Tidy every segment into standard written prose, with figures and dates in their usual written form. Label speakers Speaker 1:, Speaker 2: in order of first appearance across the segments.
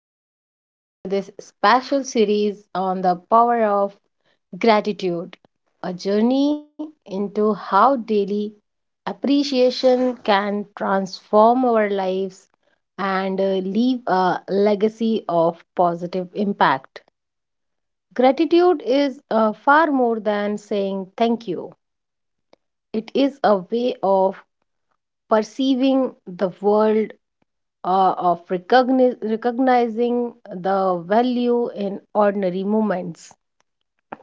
Speaker 1: listeners, to this special series on the power of gratitude, a journey into how daily appreciation can transform our lives and leave a legacy of positive impact. Gratitude is far more than saying thank you, it is a way of perceiving the world, of recognizing the value in ordinary moments,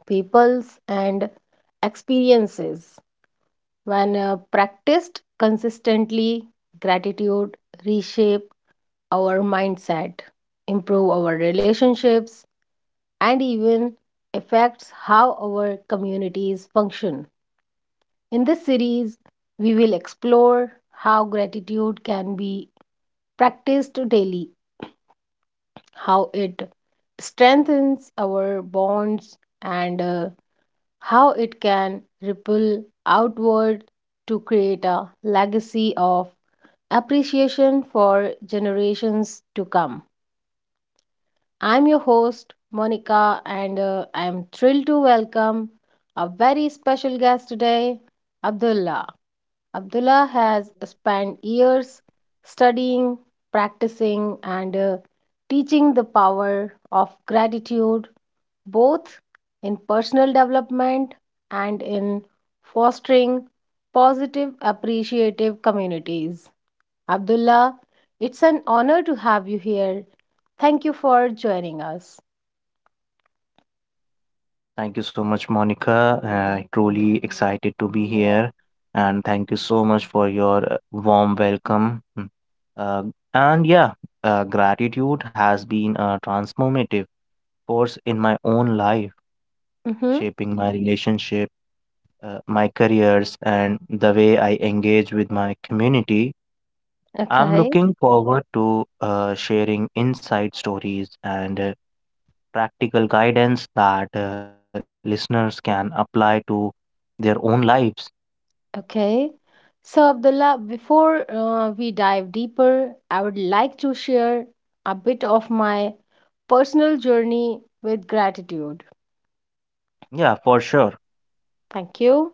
Speaker 1: peoples, and experiences. When practiced consistently, gratitude reshape our mindset, improve our relationships, and even affects how our communities function. In this series, we will explore how gratitude can be practiced daily, how it strengthens our bonds, and how it can ripple outward to create a legacy of appreciation for generations to come. I'm your host, Monica, and I'm thrilled to welcome a very special guest today, Abdullah. Abdullah has spent years studying, practicing, and teaching the power of gratitude, both in personal development and in fostering positive, appreciative communities. Abdullah, it's an honor to have you here. Thank you for joining us.
Speaker 2: Thank you so much, Monica. Truly excited to be here. And thank you so much for your warm welcome. Mm. Uh, and yeah, Gratitude has been a transformative force in my own life,
Speaker 1: Mm-hmm.
Speaker 2: shaping my relationship, my careers, and the way I engage with my community. I'm
Speaker 1: Okay.
Speaker 2: looking forward to sharing insight stories and practical guidance that listeners can apply to their own lives.
Speaker 1: Okay. So, Abdullah, before we dive deeper, I would like to share a bit of my personal journey with gratitude.
Speaker 2: Yeah, for sure.
Speaker 1: Thank you.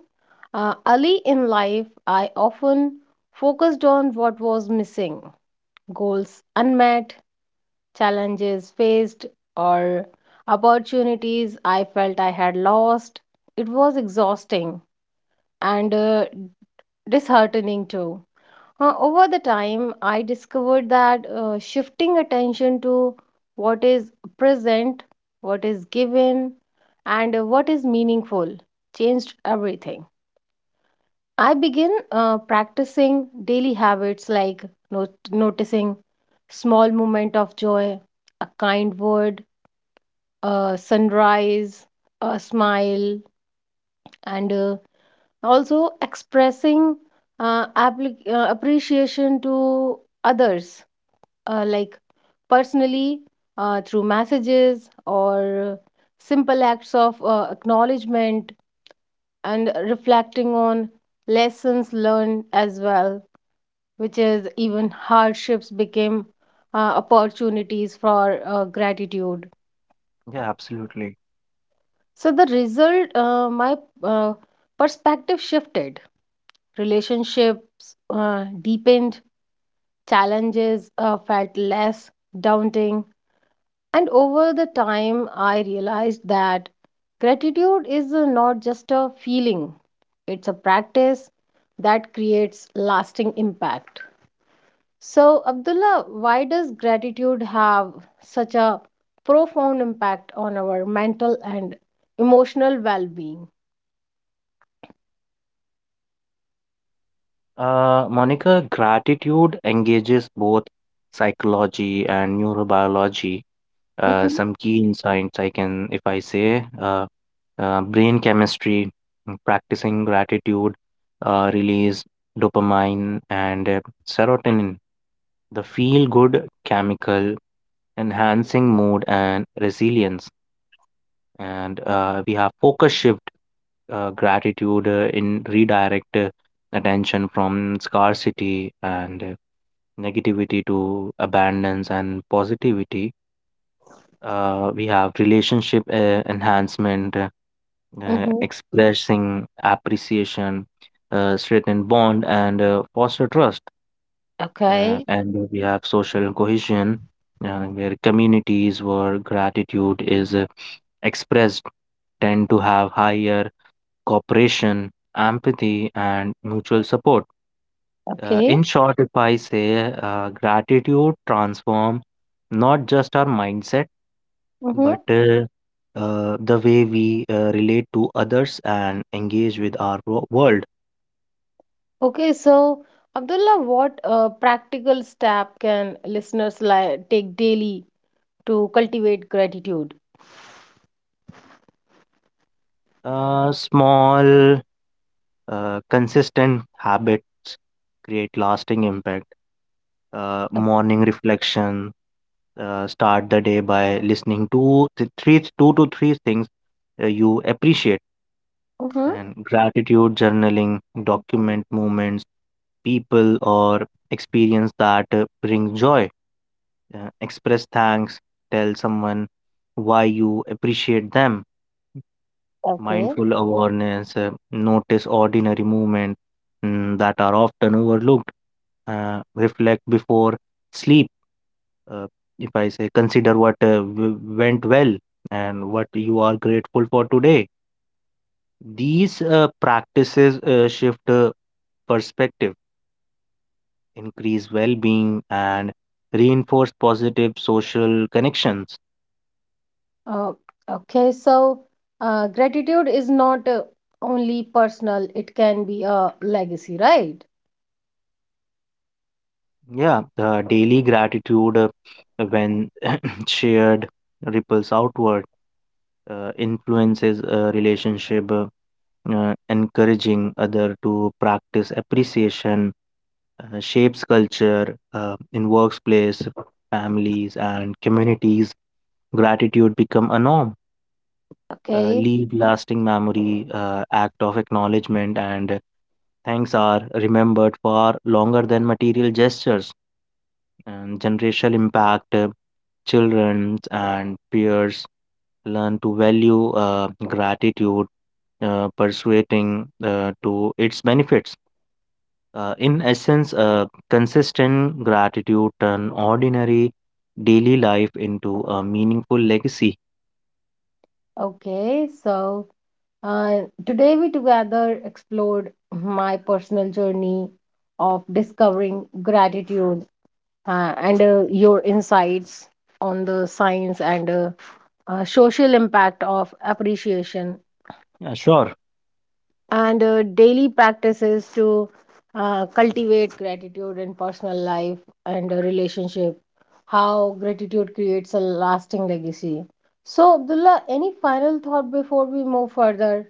Speaker 1: Early in life, I often focused on what was missing, goals unmet, challenges faced, or opportunities I felt I had lost. It was exhausting and disheartening too. Over the time, I discovered that shifting attention to what is present, what is given, and what is meaningful changed everything. I began practicing daily habits like noticing small moment of joy, a kind word, a sunrise, a smile, and also expressing appreciation to others, like personally, through messages or simple acts of acknowledgement, and reflecting on lessons learned as well, which is even hardships became opportunities for gratitude.
Speaker 2: Yeah, absolutely.
Speaker 1: So the result, my uh, perspective shifted, relationships deepened, challenges felt less daunting. And over the time, I realized that gratitude is not just a feeling, it's a practice that creates lasting impact. So, Abdullah, why does gratitude have such a profound impact on our mental and emotional well being?
Speaker 2: Monica, gratitude engages both psychology and neurobiology.
Speaker 1: Mm-hmm,
Speaker 2: Some key insights I can, if I say, brain chemistry, practicing gratitude, release dopamine and serotonin, the feel-good chemical, enhancing mood and resilience. And we have focus shift, gratitude in redirect attention from scarcity and negativity to abundance and positivity. We have relationship enhancement,
Speaker 1: mm-hmm.
Speaker 2: expressing appreciation strengthen bond and foster trust.
Speaker 1: Okay,
Speaker 2: And we have social cohesion, where communities where gratitude is expressed tend to have higher cooperation, empathy, and mutual support.
Speaker 1: okay.
Speaker 2: In short, if I say gratitude transform not just our mindset,
Speaker 1: Mm-hmm.
Speaker 2: but the way we relate to others and engage with our world.
Speaker 1: Okay, so Abdullah, what practical step can listeners like take daily to cultivate gratitude?
Speaker 2: Small, consistent habits create lasting impact. Morning reflection, start the day by listening to three, two to three things you appreciate.
Speaker 1: Mm-hmm.
Speaker 2: And gratitude journaling, document moments, people, or experience that bring joy. Express thanks, tell someone why you appreciate them.
Speaker 1: Okay.
Speaker 2: Mindful awareness, notice ordinary movements, that are often overlooked. uh, Reflect before sleep, uh, if I say, consider what went well and what you are grateful for today. These practices shift perspective, increase well being, and reinforce positive social connections.
Speaker 1: Uh, okay, so gratitude is not only personal, it can be a legacy, right?
Speaker 2: Yeah, the daily gratitude, when shared, ripples outward, influences a relationship, encouraging other to practice appreciation, shapes culture in workplace, families, and communities. Gratitude become a norm.
Speaker 1: Okay.
Speaker 2: Leave lasting memory, act of acknowledgement and thanks are remembered far longer than material gestures. And generational impact, children and peers learn to value gratitude, persuading to its benefits. In essence, consistent gratitude turn ordinary daily life into a meaningful legacy.
Speaker 1: Okay, so today we together explored my personal journey of discovering gratitude, and your insights on the science and social impact of appreciation,
Speaker 2: Yeah, sure.
Speaker 1: and daily practices to cultivate gratitude in personal life and a relationship, how gratitude creates a lasting legacy. So Abdullah, any final thought before we move further?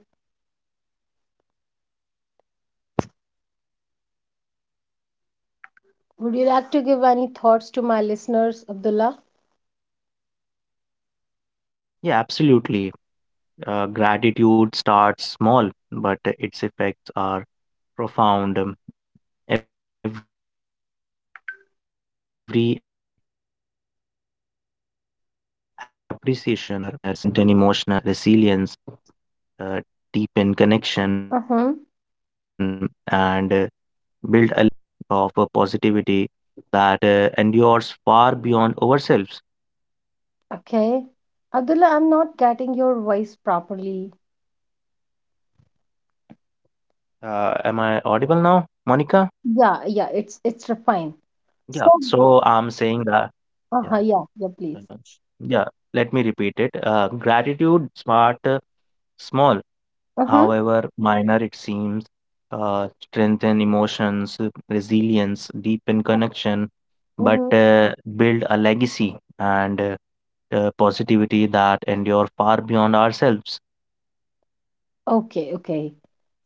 Speaker 1: Would you like to give any thoughts to my listeners, Abdullah?
Speaker 2: Yeah, absolutely. Gratitude starts small, but its effects are profound. Every act of appreciation, however minor it seems, strengthen emotional resilience, uh, deepen connection, and
Speaker 1: Uh-huh.
Speaker 2: build a legacy of positivity that endures far beyond ourselves.
Speaker 1: Okay, Abdullah, I'm not getting your voice properly.
Speaker 2: Am I audible now, Monica?
Speaker 1: Yeah, yeah, it's refined.
Speaker 2: Yeah.
Speaker 1: So,
Speaker 2: So I'm saying that. Yeah.
Speaker 1: uh-huh, yeah, yeah, please.
Speaker 2: Yes. Yeah, let me repeat it. Gratitude, smart, small,
Speaker 1: Uh-huh,
Speaker 2: however minor it seems, strengthen emotions, resilience, deepen connection, but
Speaker 1: uh-huh.
Speaker 2: build a legacy and positivity that endure far beyond ourselves.
Speaker 1: Okay, okay.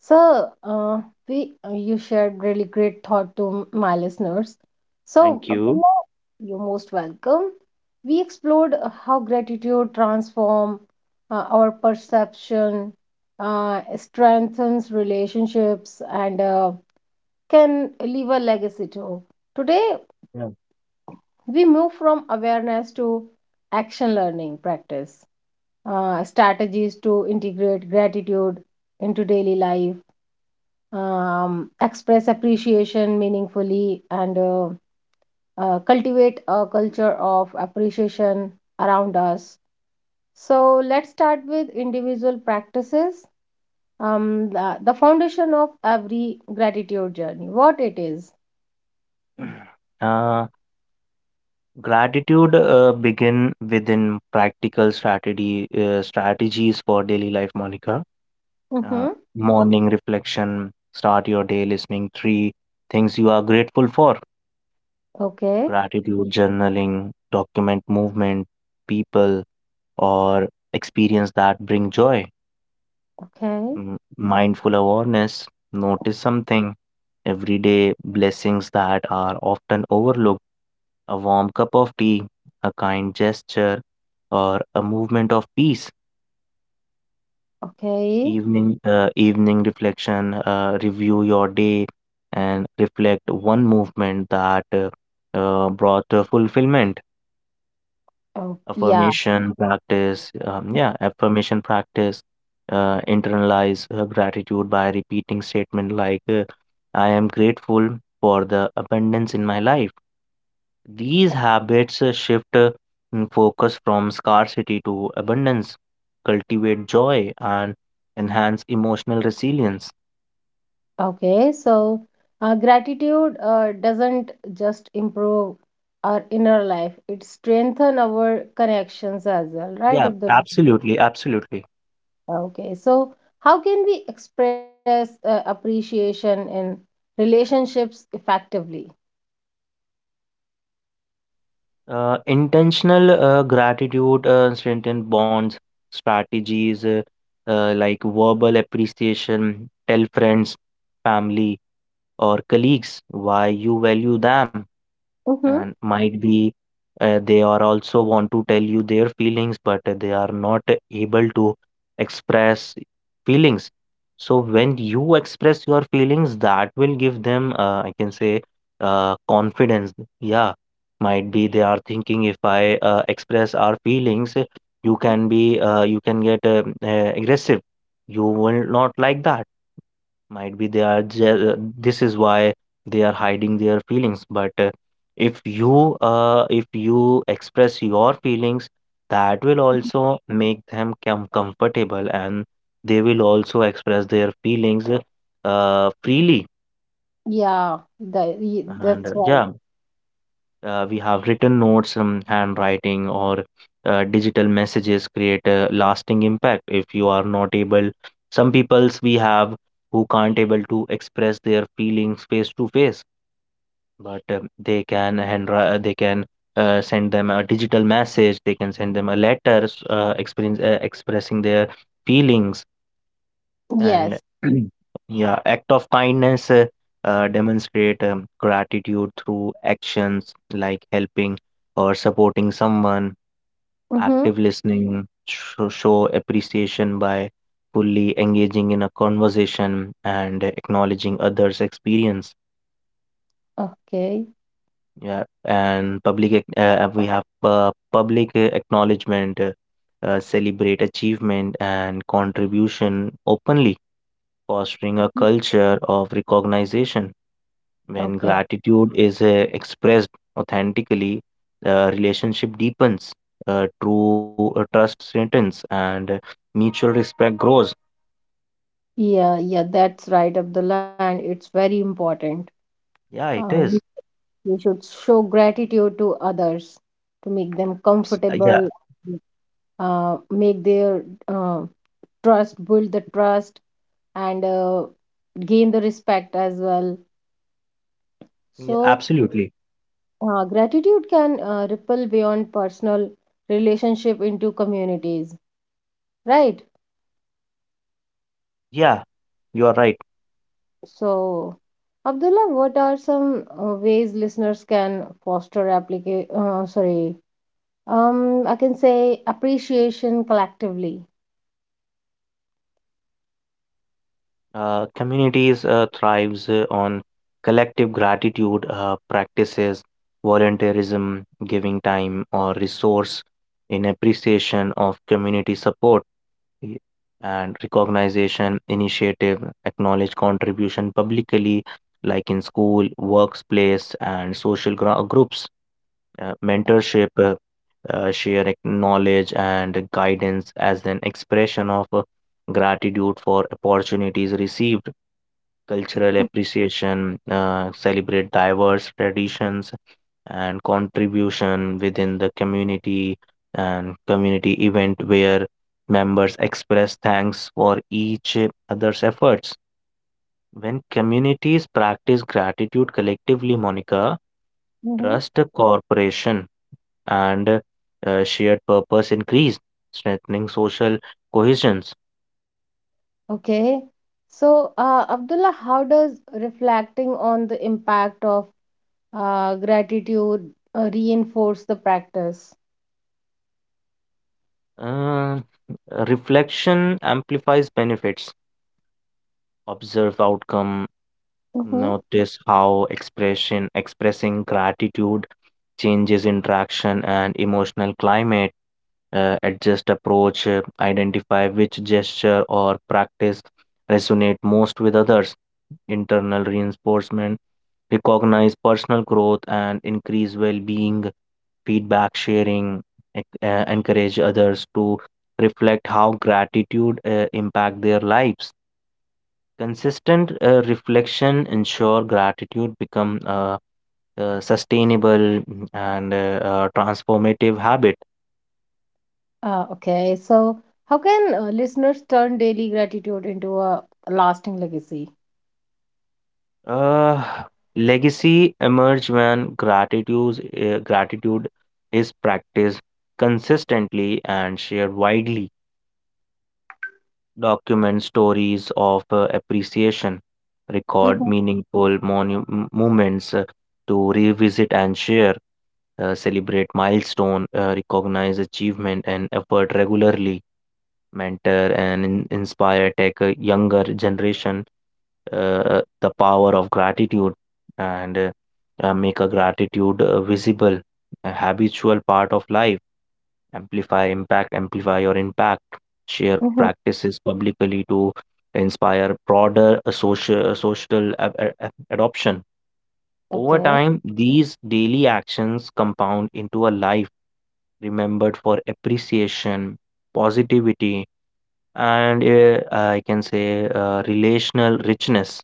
Speaker 1: So, we you shared really great thought to my listeners. So,
Speaker 2: Thank you.
Speaker 1: Abdullah, you're most welcome. We explored how gratitude transform our perception, strengthens relationships, and can leave a legacy too. Today,
Speaker 2: Yeah.
Speaker 1: we move from awareness to action learning practice, strategies to integrate gratitude into daily life, express appreciation meaningfully, and cultivate a culture of appreciation around us. So, let's start with individual practices. The foundation of every gratitude journey, what it is.
Speaker 2: Uh, Gratitude begin within practical strategy strategies for daily life, Monica. uh,
Speaker 1: Mm-hmm.
Speaker 2: Morning reflection, start your day listening three things you are grateful for.
Speaker 1: Okay,
Speaker 2: Gratitude, journaling, document movement, people, or experience that bring joy.
Speaker 1: okay,
Speaker 2: Mm, mindful awareness, notice something, everyday blessings that are often overlooked, a warm cup of tea, a kind gesture, or a movement of peace.
Speaker 1: okay.
Speaker 2: Evening reflection, review your day and reflect one movement that brought fulfillment.
Speaker 1: Oh, yeah.
Speaker 2: Affirmation practice, internalize gratitude by repeating statement like, I am grateful for the abundance in my life. These habits shift focus from scarcity to abundance, cultivate joy, and enhance emotional resilience.
Speaker 1: Okay, so gratitude doesn't just improve our inner life, it strengthens our connections as well, right?
Speaker 2: Yeah,
Speaker 1: Of the.
Speaker 2: absolutely, absolutely.
Speaker 1: Okay, so how can we express appreciation in relationships effectively?
Speaker 2: Intentional gratitude strengthen bonds, strategies like verbal appreciation, tell friends, family, or colleagues why you value them.
Speaker 1: Mm-hmm.
Speaker 2: And might be they are also want to tell you their feelings, but they are not able to express feelings. So when you express your feelings, that will give them, I can say, confidence. Yeah, might be they are thinking, if I express our feelings, you can be you can get aggressive, you will not like that. Might be they are this is why they are hiding their feelings. But if you express your feelings, that will also make them comfortable, and they will also express their feelings freely.
Speaker 1: Yeah, the,
Speaker 2: And
Speaker 1: that's right.
Speaker 2: yeah, we have written notes. Handwriting or digital messages create a lasting impact. If you are not able, some peoples we have who can't able to express their feelings face to face, but they can send them a digital message, they can send them a letter, expressing their feelings. And
Speaker 1: Yes.
Speaker 2: yeah, act of kindness, demonstrate gratitude through actions like helping or supporting someone.
Speaker 1: Mm-hmm.
Speaker 2: Active listening, show appreciation by fully engaging in a conversation and acknowledging others experience.
Speaker 1: Okay.
Speaker 2: Yeah, and public ac- we have public acknowledgement, celebrate achievement and contribution openly, fostering a culture of recognition. When
Speaker 1: Okay.
Speaker 2: gratitude is expressed authentically, the relationship deepens, true trust strengthens, and mutual respect grows.
Speaker 1: Yeah, yeah, that's right, Abdullah, and it's very important.
Speaker 2: Yeah, it
Speaker 1: Um,
Speaker 2: is.
Speaker 1: We should show gratitude to others to make them comfortable,
Speaker 2: Yeah,
Speaker 1: make their trust, build the trust, and gain the respect as well.
Speaker 2: yeah,
Speaker 1: So,
Speaker 2: absolutely.
Speaker 1: gratitude can ripple beyond personal relationship into communities, right?
Speaker 2: Yeah, you are right.
Speaker 1: So, Abdullah, what are some ways listeners can foster application? Sorry, I can say appreciation collectively.
Speaker 2: Communities thrives on collective gratitude practices, volunteerism, giving time or resource in appreciation of community support. Y- and recognition initiative, acknowledge contribution publicly, like in school workplace and social groups. Mentorship, share knowledge and guidance as an expression of gratitude for opportunities received. Cultural appreciation, celebrate diverse traditions and contribution within the community, and community event where members express thanks for each other's efforts. When communities practice gratitude collectively, Monica,
Speaker 1: Mm-hmm.
Speaker 2: trust, cooperation, and shared purpose increase, strengthening social cohesions.
Speaker 1: Okay. So, Abdullah, how does reflecting on the impact of gratitude reinforce the practice?
Speaker 2: Uh, Reflection amplifies benefits. Observe outcome,
Speaker 1: Mm-hmm.
Speaker 2: notice how expression expressing gratitude changes interaction and emotional climate. Adjust approach, identify which gesture or practice resonate most with others. Internal reinforcement, recognize personal growth and increase well-being. Feedback sharing, encourage others to reflect how gratitude impact their lives. Consistent reflection ensure gratitude become a sustainable and transformative habit.
Speaker 1: Okay. So, how can listeners turn daily gratitude into a lasting legacy?
Speaker 2: Uh, Legacy emerge when gratitude is practiced consistently and shared widely. Document stories of appreciation, record
Speaker 1: Mm-hmm.
Speaker 2: meaningful moments to revisit and share, celebrate milestone, recognize achievement and effort regularly, mentor and inspire tech younger generation the power of gratitude, and make a gratitude visible, a habitual part of life. Amplify impact, amplify your impact. Share
Speaker 1: Mm-hmm.
Speaker 2: practices publicly to inspire broader social adoption. Over
Speaker 1: Okay.
Speaker 2: time, these daily actions compound into a life remembered for appreciation, positivity, and, I can say, relational richness.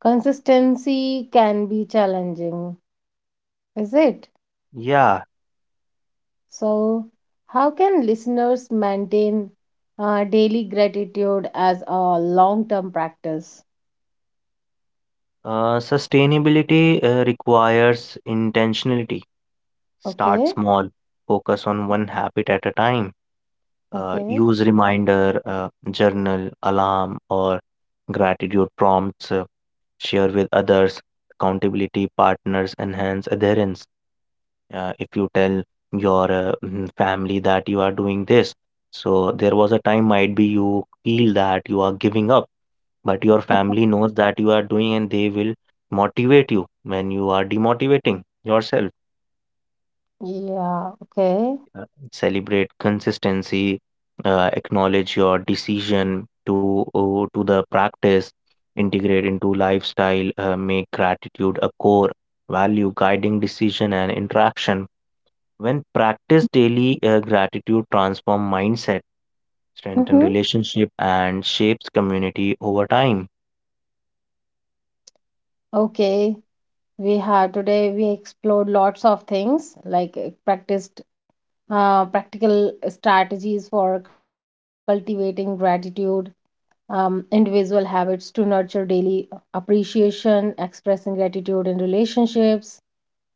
Speaker 1: Consistency can be challenging, is it?
Speaker 2: Yeah,
Speaker 1: So, how can listeners maintain daily gratitude as a long-term practice?
Speaker 2: sustainability requires intentionality. Start
Speaker 1: Okay.
Speaker 2: small, focus on one habit at a time.
Speaker 1: Okay.
Speaker 2: Use reminder, journal, alarm, or gratitude prompts. Share with others. Accountability partners enhance adherence. If you tell your family that you are doing this, so there was a time might be you feel that you are giving up, but your family knows that you are doing and they will motivate you when you are demotivating yourself.
Speaker 1: Yeah. Okay.
Speaker 2: Uh, Celebrate consistency, acknowledge your decision to to the practice. Integrate into lifestyle, make gratitude a core value guiding decision and interaction. When practiced daily, gratitude transforms mindset, strengthens
Speaker 1: Mm-hmm.
Speaker 2: relationship, and shapes community over time.
Speaker 1: Okay. We had today we explored lots of things like practiced practical strategies for cultivating gratitude, individual habits to nurture daily appreciation, expressing gratitude in relationships.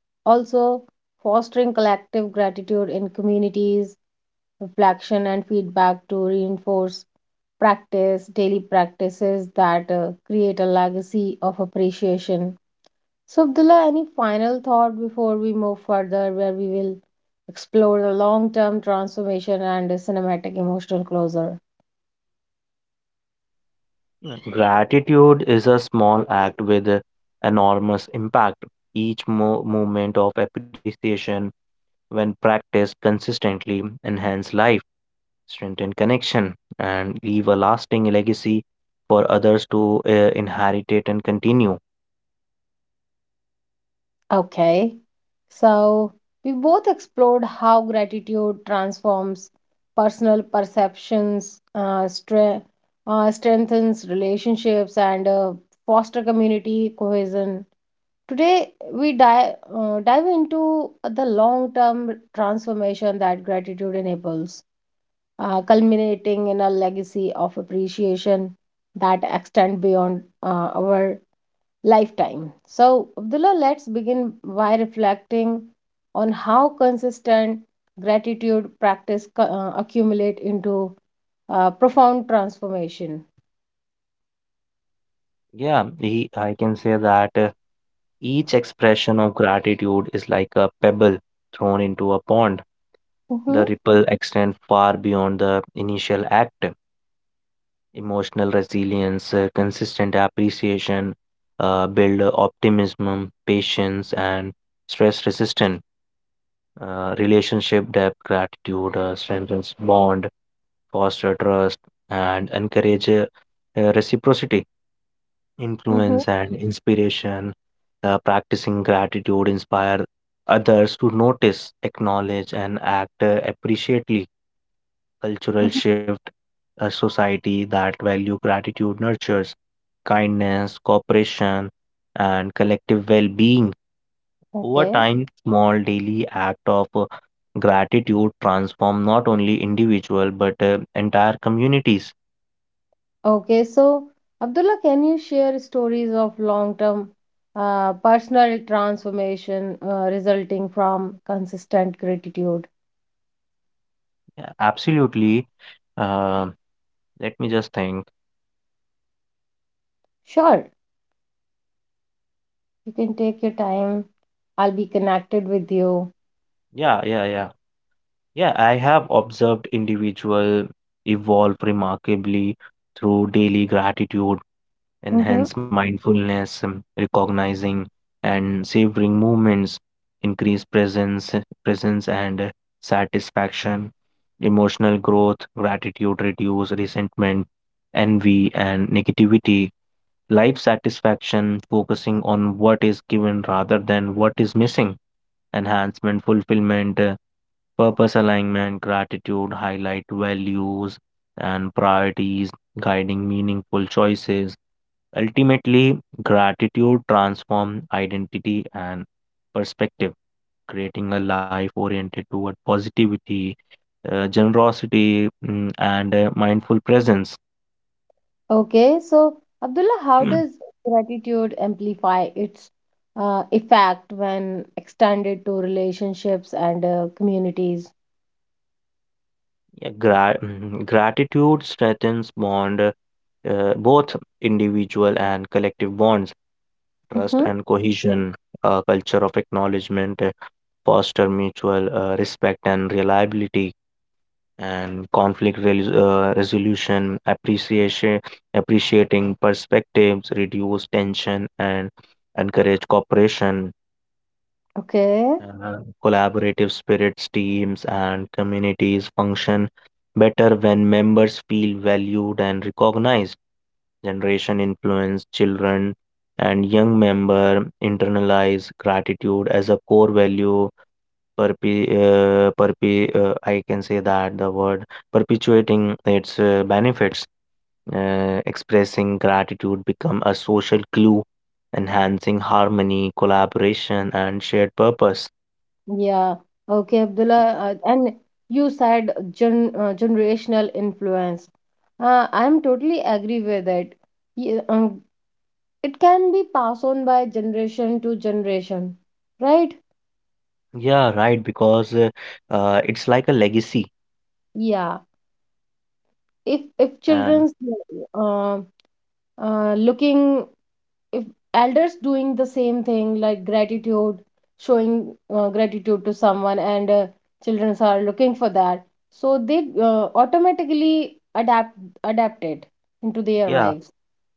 Speaker 1: Also, fostering collective gratitude in communities, reflection and feedback to reinforce practice, daily practices that create a legacy of appreciation. So, Abdullah, any final thought before we move further, where we will explore the long term transformation and the cinematic emotional closure?
Speaker 2: Gratitude is a small act with a enormous impact. Each moment of appreciation, when practiced consistently, enhance life, strengthen connection, and leave a lasting legacy for others to inherit it and continue.
Speaker 1: Okay. So we both explored how gratitude transforms personal perceptions, strengthens relationships, and foster community cohesion. Today, we dive into the long term transformation that gratitude enables, culminating in a legacy of appreciation that extend beyond our lifetime. So, Abdullah, let's begin by reflecting on how consistent gratitude practice accumulate into profound transformation.
Speaker 2: Yeah, he, I can say that. Each expression of gratitude is like a pebble thrown into a pond. The
Speaker 1: Mm-hmm,
Speaker 2: ripple extends far beyond the initial act. Emotional resilience, consistent appreciation, build optimism, patience, and stress resistance. Relationship depth, gratitude strengthens bond, foster trust, and encourage reciprocity.
Speaker 1: mm-hmm,
Speaker 2: Influence and inspiration, practicing gratitude inspire others to notice, acknowledge, and act appreciately. Cultural
Speaker 1: mm-hmm.
Speaker 2: shift, a society that value gratitude nurtures kindness, cooperation, and collective well-being. Over
Speaker 1: Okay,
Speaker 2: time, small daily act of gratitude transform not only individual but entire communities.
Speaker 1: okay. So, Abdullah, can you share stories of long-term personal transformation resulting from consistent gratitude?
Speaker 2: Yeah, absolutely. Uh, Let me just think.
Speaker 1: Sure, you can take your time. I'll be connected with you.
Speaker 2: Yeah, yeah, yeah. Yeah, I have observed individual evolve remarkably through daily gratitude, enhance mindfulness, recognizing and savoring moments, increase presence and satisfaction, emotional growth, gratitude reduce resentment, envy and negativity, life satisfaction, focusing on what is given rather than what is missing, enhancement, Purpose alignment, gratitude, highlight values and priorities, guiding meaningful choices. Ultimately, gratitude transforms identity and perspective, creating a life oriented toward positivity, generosity, and mindful presence.
Speaker 1: Okay, so Abdullah, how does gratitude amplify its effect when extended to relationships and communities?
Speaker 2: Gratitude strengthens bond, both individual and collective bonds, trust
Speaker 1: Mm-hmm.
Speaker 2: and cohesion, a culture of acknowledgement foster mutual respect and reliability, and conflict resolution. Appreciation, appreciating perspectives reduce tension and encourage cooperation.
Speaker 1: Okay,
Speaker 2: uh, Collaborative spirits, teams and communities function better when members feel valued and recognized. Generation influence, children and young member internalize gratitude as a core value. Perpe perpe I can say that the word, perpetuating its benefits. Expressing gratitude become a social glue, enhancing harmony, collaboration, and shared purpose.
Speaker 1: yeah, okay, Abdullah, and you said generational influence. I'm totally agree with it. Yeah, it can be passed on by generation to generation, right?
Speaker 2: Yeah, right, because it's like a legacy.
Speaker 1: Yeah, if
Speaker 2: Uh,
Speaker 1: children's uh, looking, if elders doing the same thing like gratitude, showing gratitude to someone, and children are looking for that, so they automatically adapt it into their
Speaker 2: yeah,
Speaker 1: lives.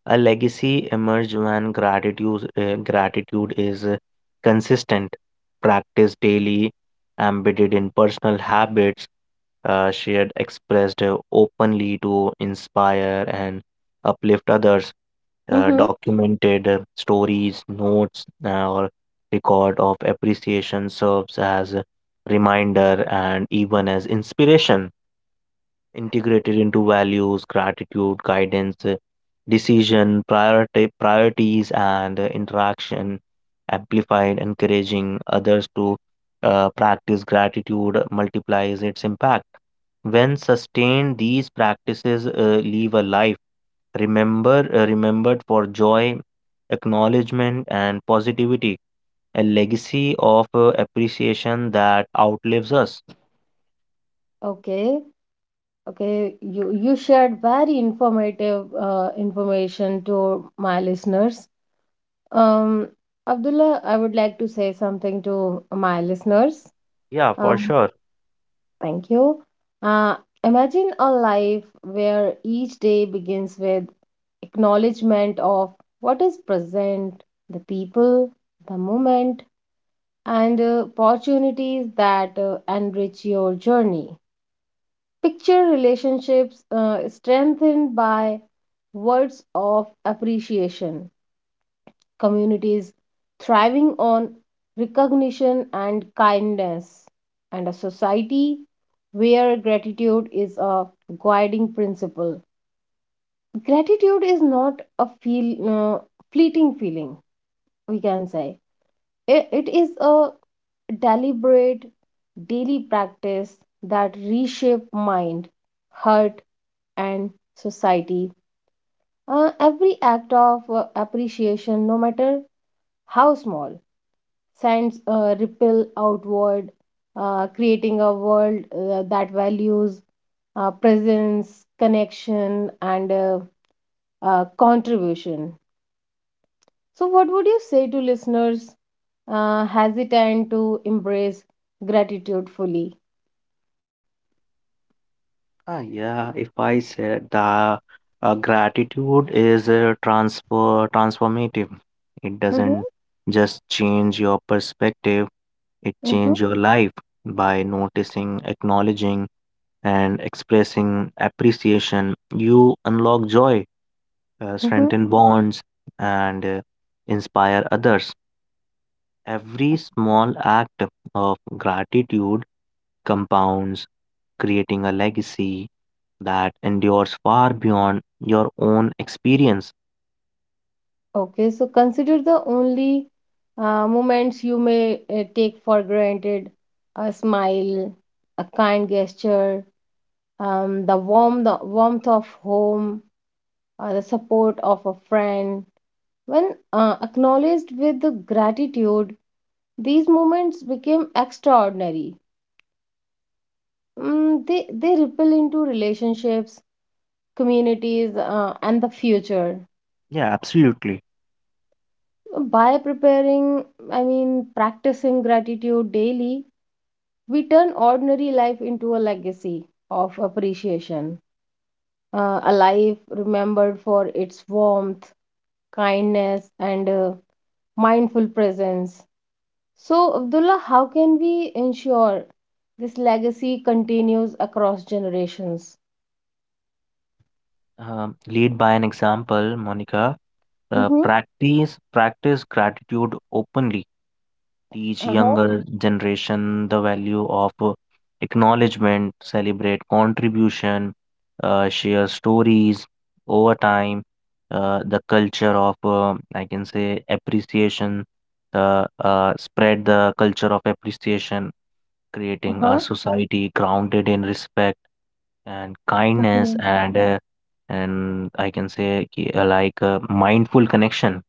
Speaker 2: A legacy emerges when gratitude is consistent, practiced daily, embedded in personal habits, shared, expressed openly to inspire and uplift others.
Speaker 1: Mm-hmm.
Speaker 2: Documented stories, notes, or record of appreciation serves as a reminder and even as inspiration. Integrated into values, gratitude, guidance, priorities, and interaction, amplified, encouraging others to practice gratitude multiplies its impact. When sustained, these practices leave a life remembered for joy, acknowledgement, and positivity, a legacy of appreciation that outlives us.
Speaker 1: Okay, okay, you shared very informative information to my listeners. Um, Abdullah, I would like to say something to my listeners.
Speaker 2: Yeah, for
Speaker 1: Um,
Speaker 2: sure.
Speaker 1: thank you. Uh, Imagine a life where each day begins with acknowledgement of what is present, the people, the moment, and opportunities that enrich your journey. Picture relationships strengthened by words of appreciation, communities thriving on recognition and kindness, and a society where gratitude is a guiding principle. Gratitude is not a fleeting feeling, we can say. It is a deliberate daily practice that reshape mind, heart, and society. Every act of appreciation, no matter how small, sends a ripple outward, creating a world that values presence, connection, and contribution. So, what would you say to listeners hesitant to embrace gratitude fully?
Speaker 2: Yeah, if I said the gratitude is transfer transformative, it
Speaker 1: Mm-hmm,
Speaker 2: doesn't just change your perspective, it
Speaker 1: mm-hmm,
Speaker 2: changes your life. By noticing, acknowledging, and expressing appreciation, you unlock joy,
Speaker 1: mm-hmm.
Speaker 2: strengthen bonds, and inspire others. Every small act of gratitude compounds, creating a legacy that endures far beyond your own experience.
Speaker 1: Okay, so consider the only moments you may take for granted, a smile, a kind gesture, the warmth of home, the support of a friend. When acknowledged with the gratitude, these moments became extraordinary. Mm, they ripple into relationships, communities, and the future.
Speaker 2: Yeah, absolutely.
Speaker 1: By preparing, I mean, practicing gratitude daily, we turn ordinary life into a legacy of appreciation. A life remembered for its warmth, kindness, and mindful presence. So, Abdullah, how can we ensure this legacy continues across generations?
Speaker 2: Lead by an example, Monica.
Speaker 1: Mm-hmm.
Speaker 2: Practice gratitude openly. Teach
Speaker 1: Uh-huh.
Speaker 2: younger generation the value of acknowledgement. Celebrate contribution. Share stories over time. The culture of I can say appreciation. Spread the culture of appreciation, creating
Speaker 1: Uh-huh.
Speaker 2: a society grounded in respect and kindness,
Speaker 1: Hmm.
Speaker 2: and I can say ki- like a mindful connection.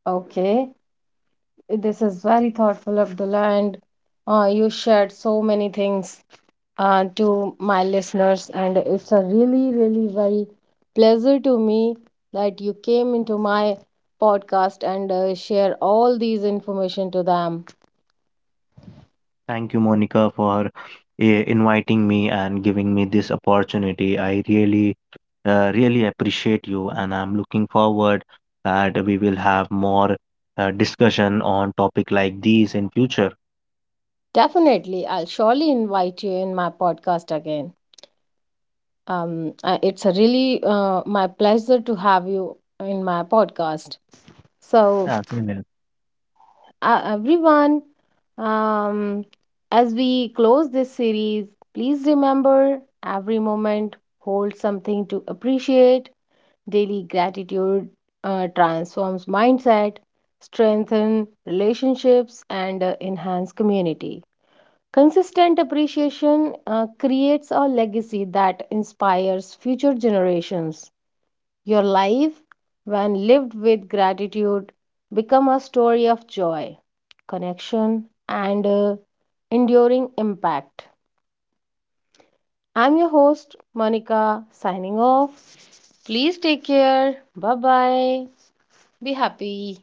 Speaker 1: Okay. This is very thoughtful, Abdullah, and you shared so many things to my listeners, and it's a really, really very pleasure to me that you came into my podcast and share all these information to them.
Speaker 2: Thank you, Monica, for inviting me and giving me this opportunity. I really, really appreciate you, and I'm looking forward that we will have more discussion on topic like these in future.
Speaker 1: Definitely, I'll surely invite you in my podcast again. It's a really my pleasure to have you in my podcast. So,
Speaker 2: Yeah, same here.
Speaker 1: everyone, um, as we close this series, please remember every moment holds something to appreciate. Daily gratitude transforms mindset, strengthen relationships, and enhance community. Consistent appreciation creates a legacy that inspires future generations. Your life, when lived with gratitude, become a story of joy, connection, and enduring impact. I'm your host, Monica, signing off. Please take care. Bye bye. Be happy.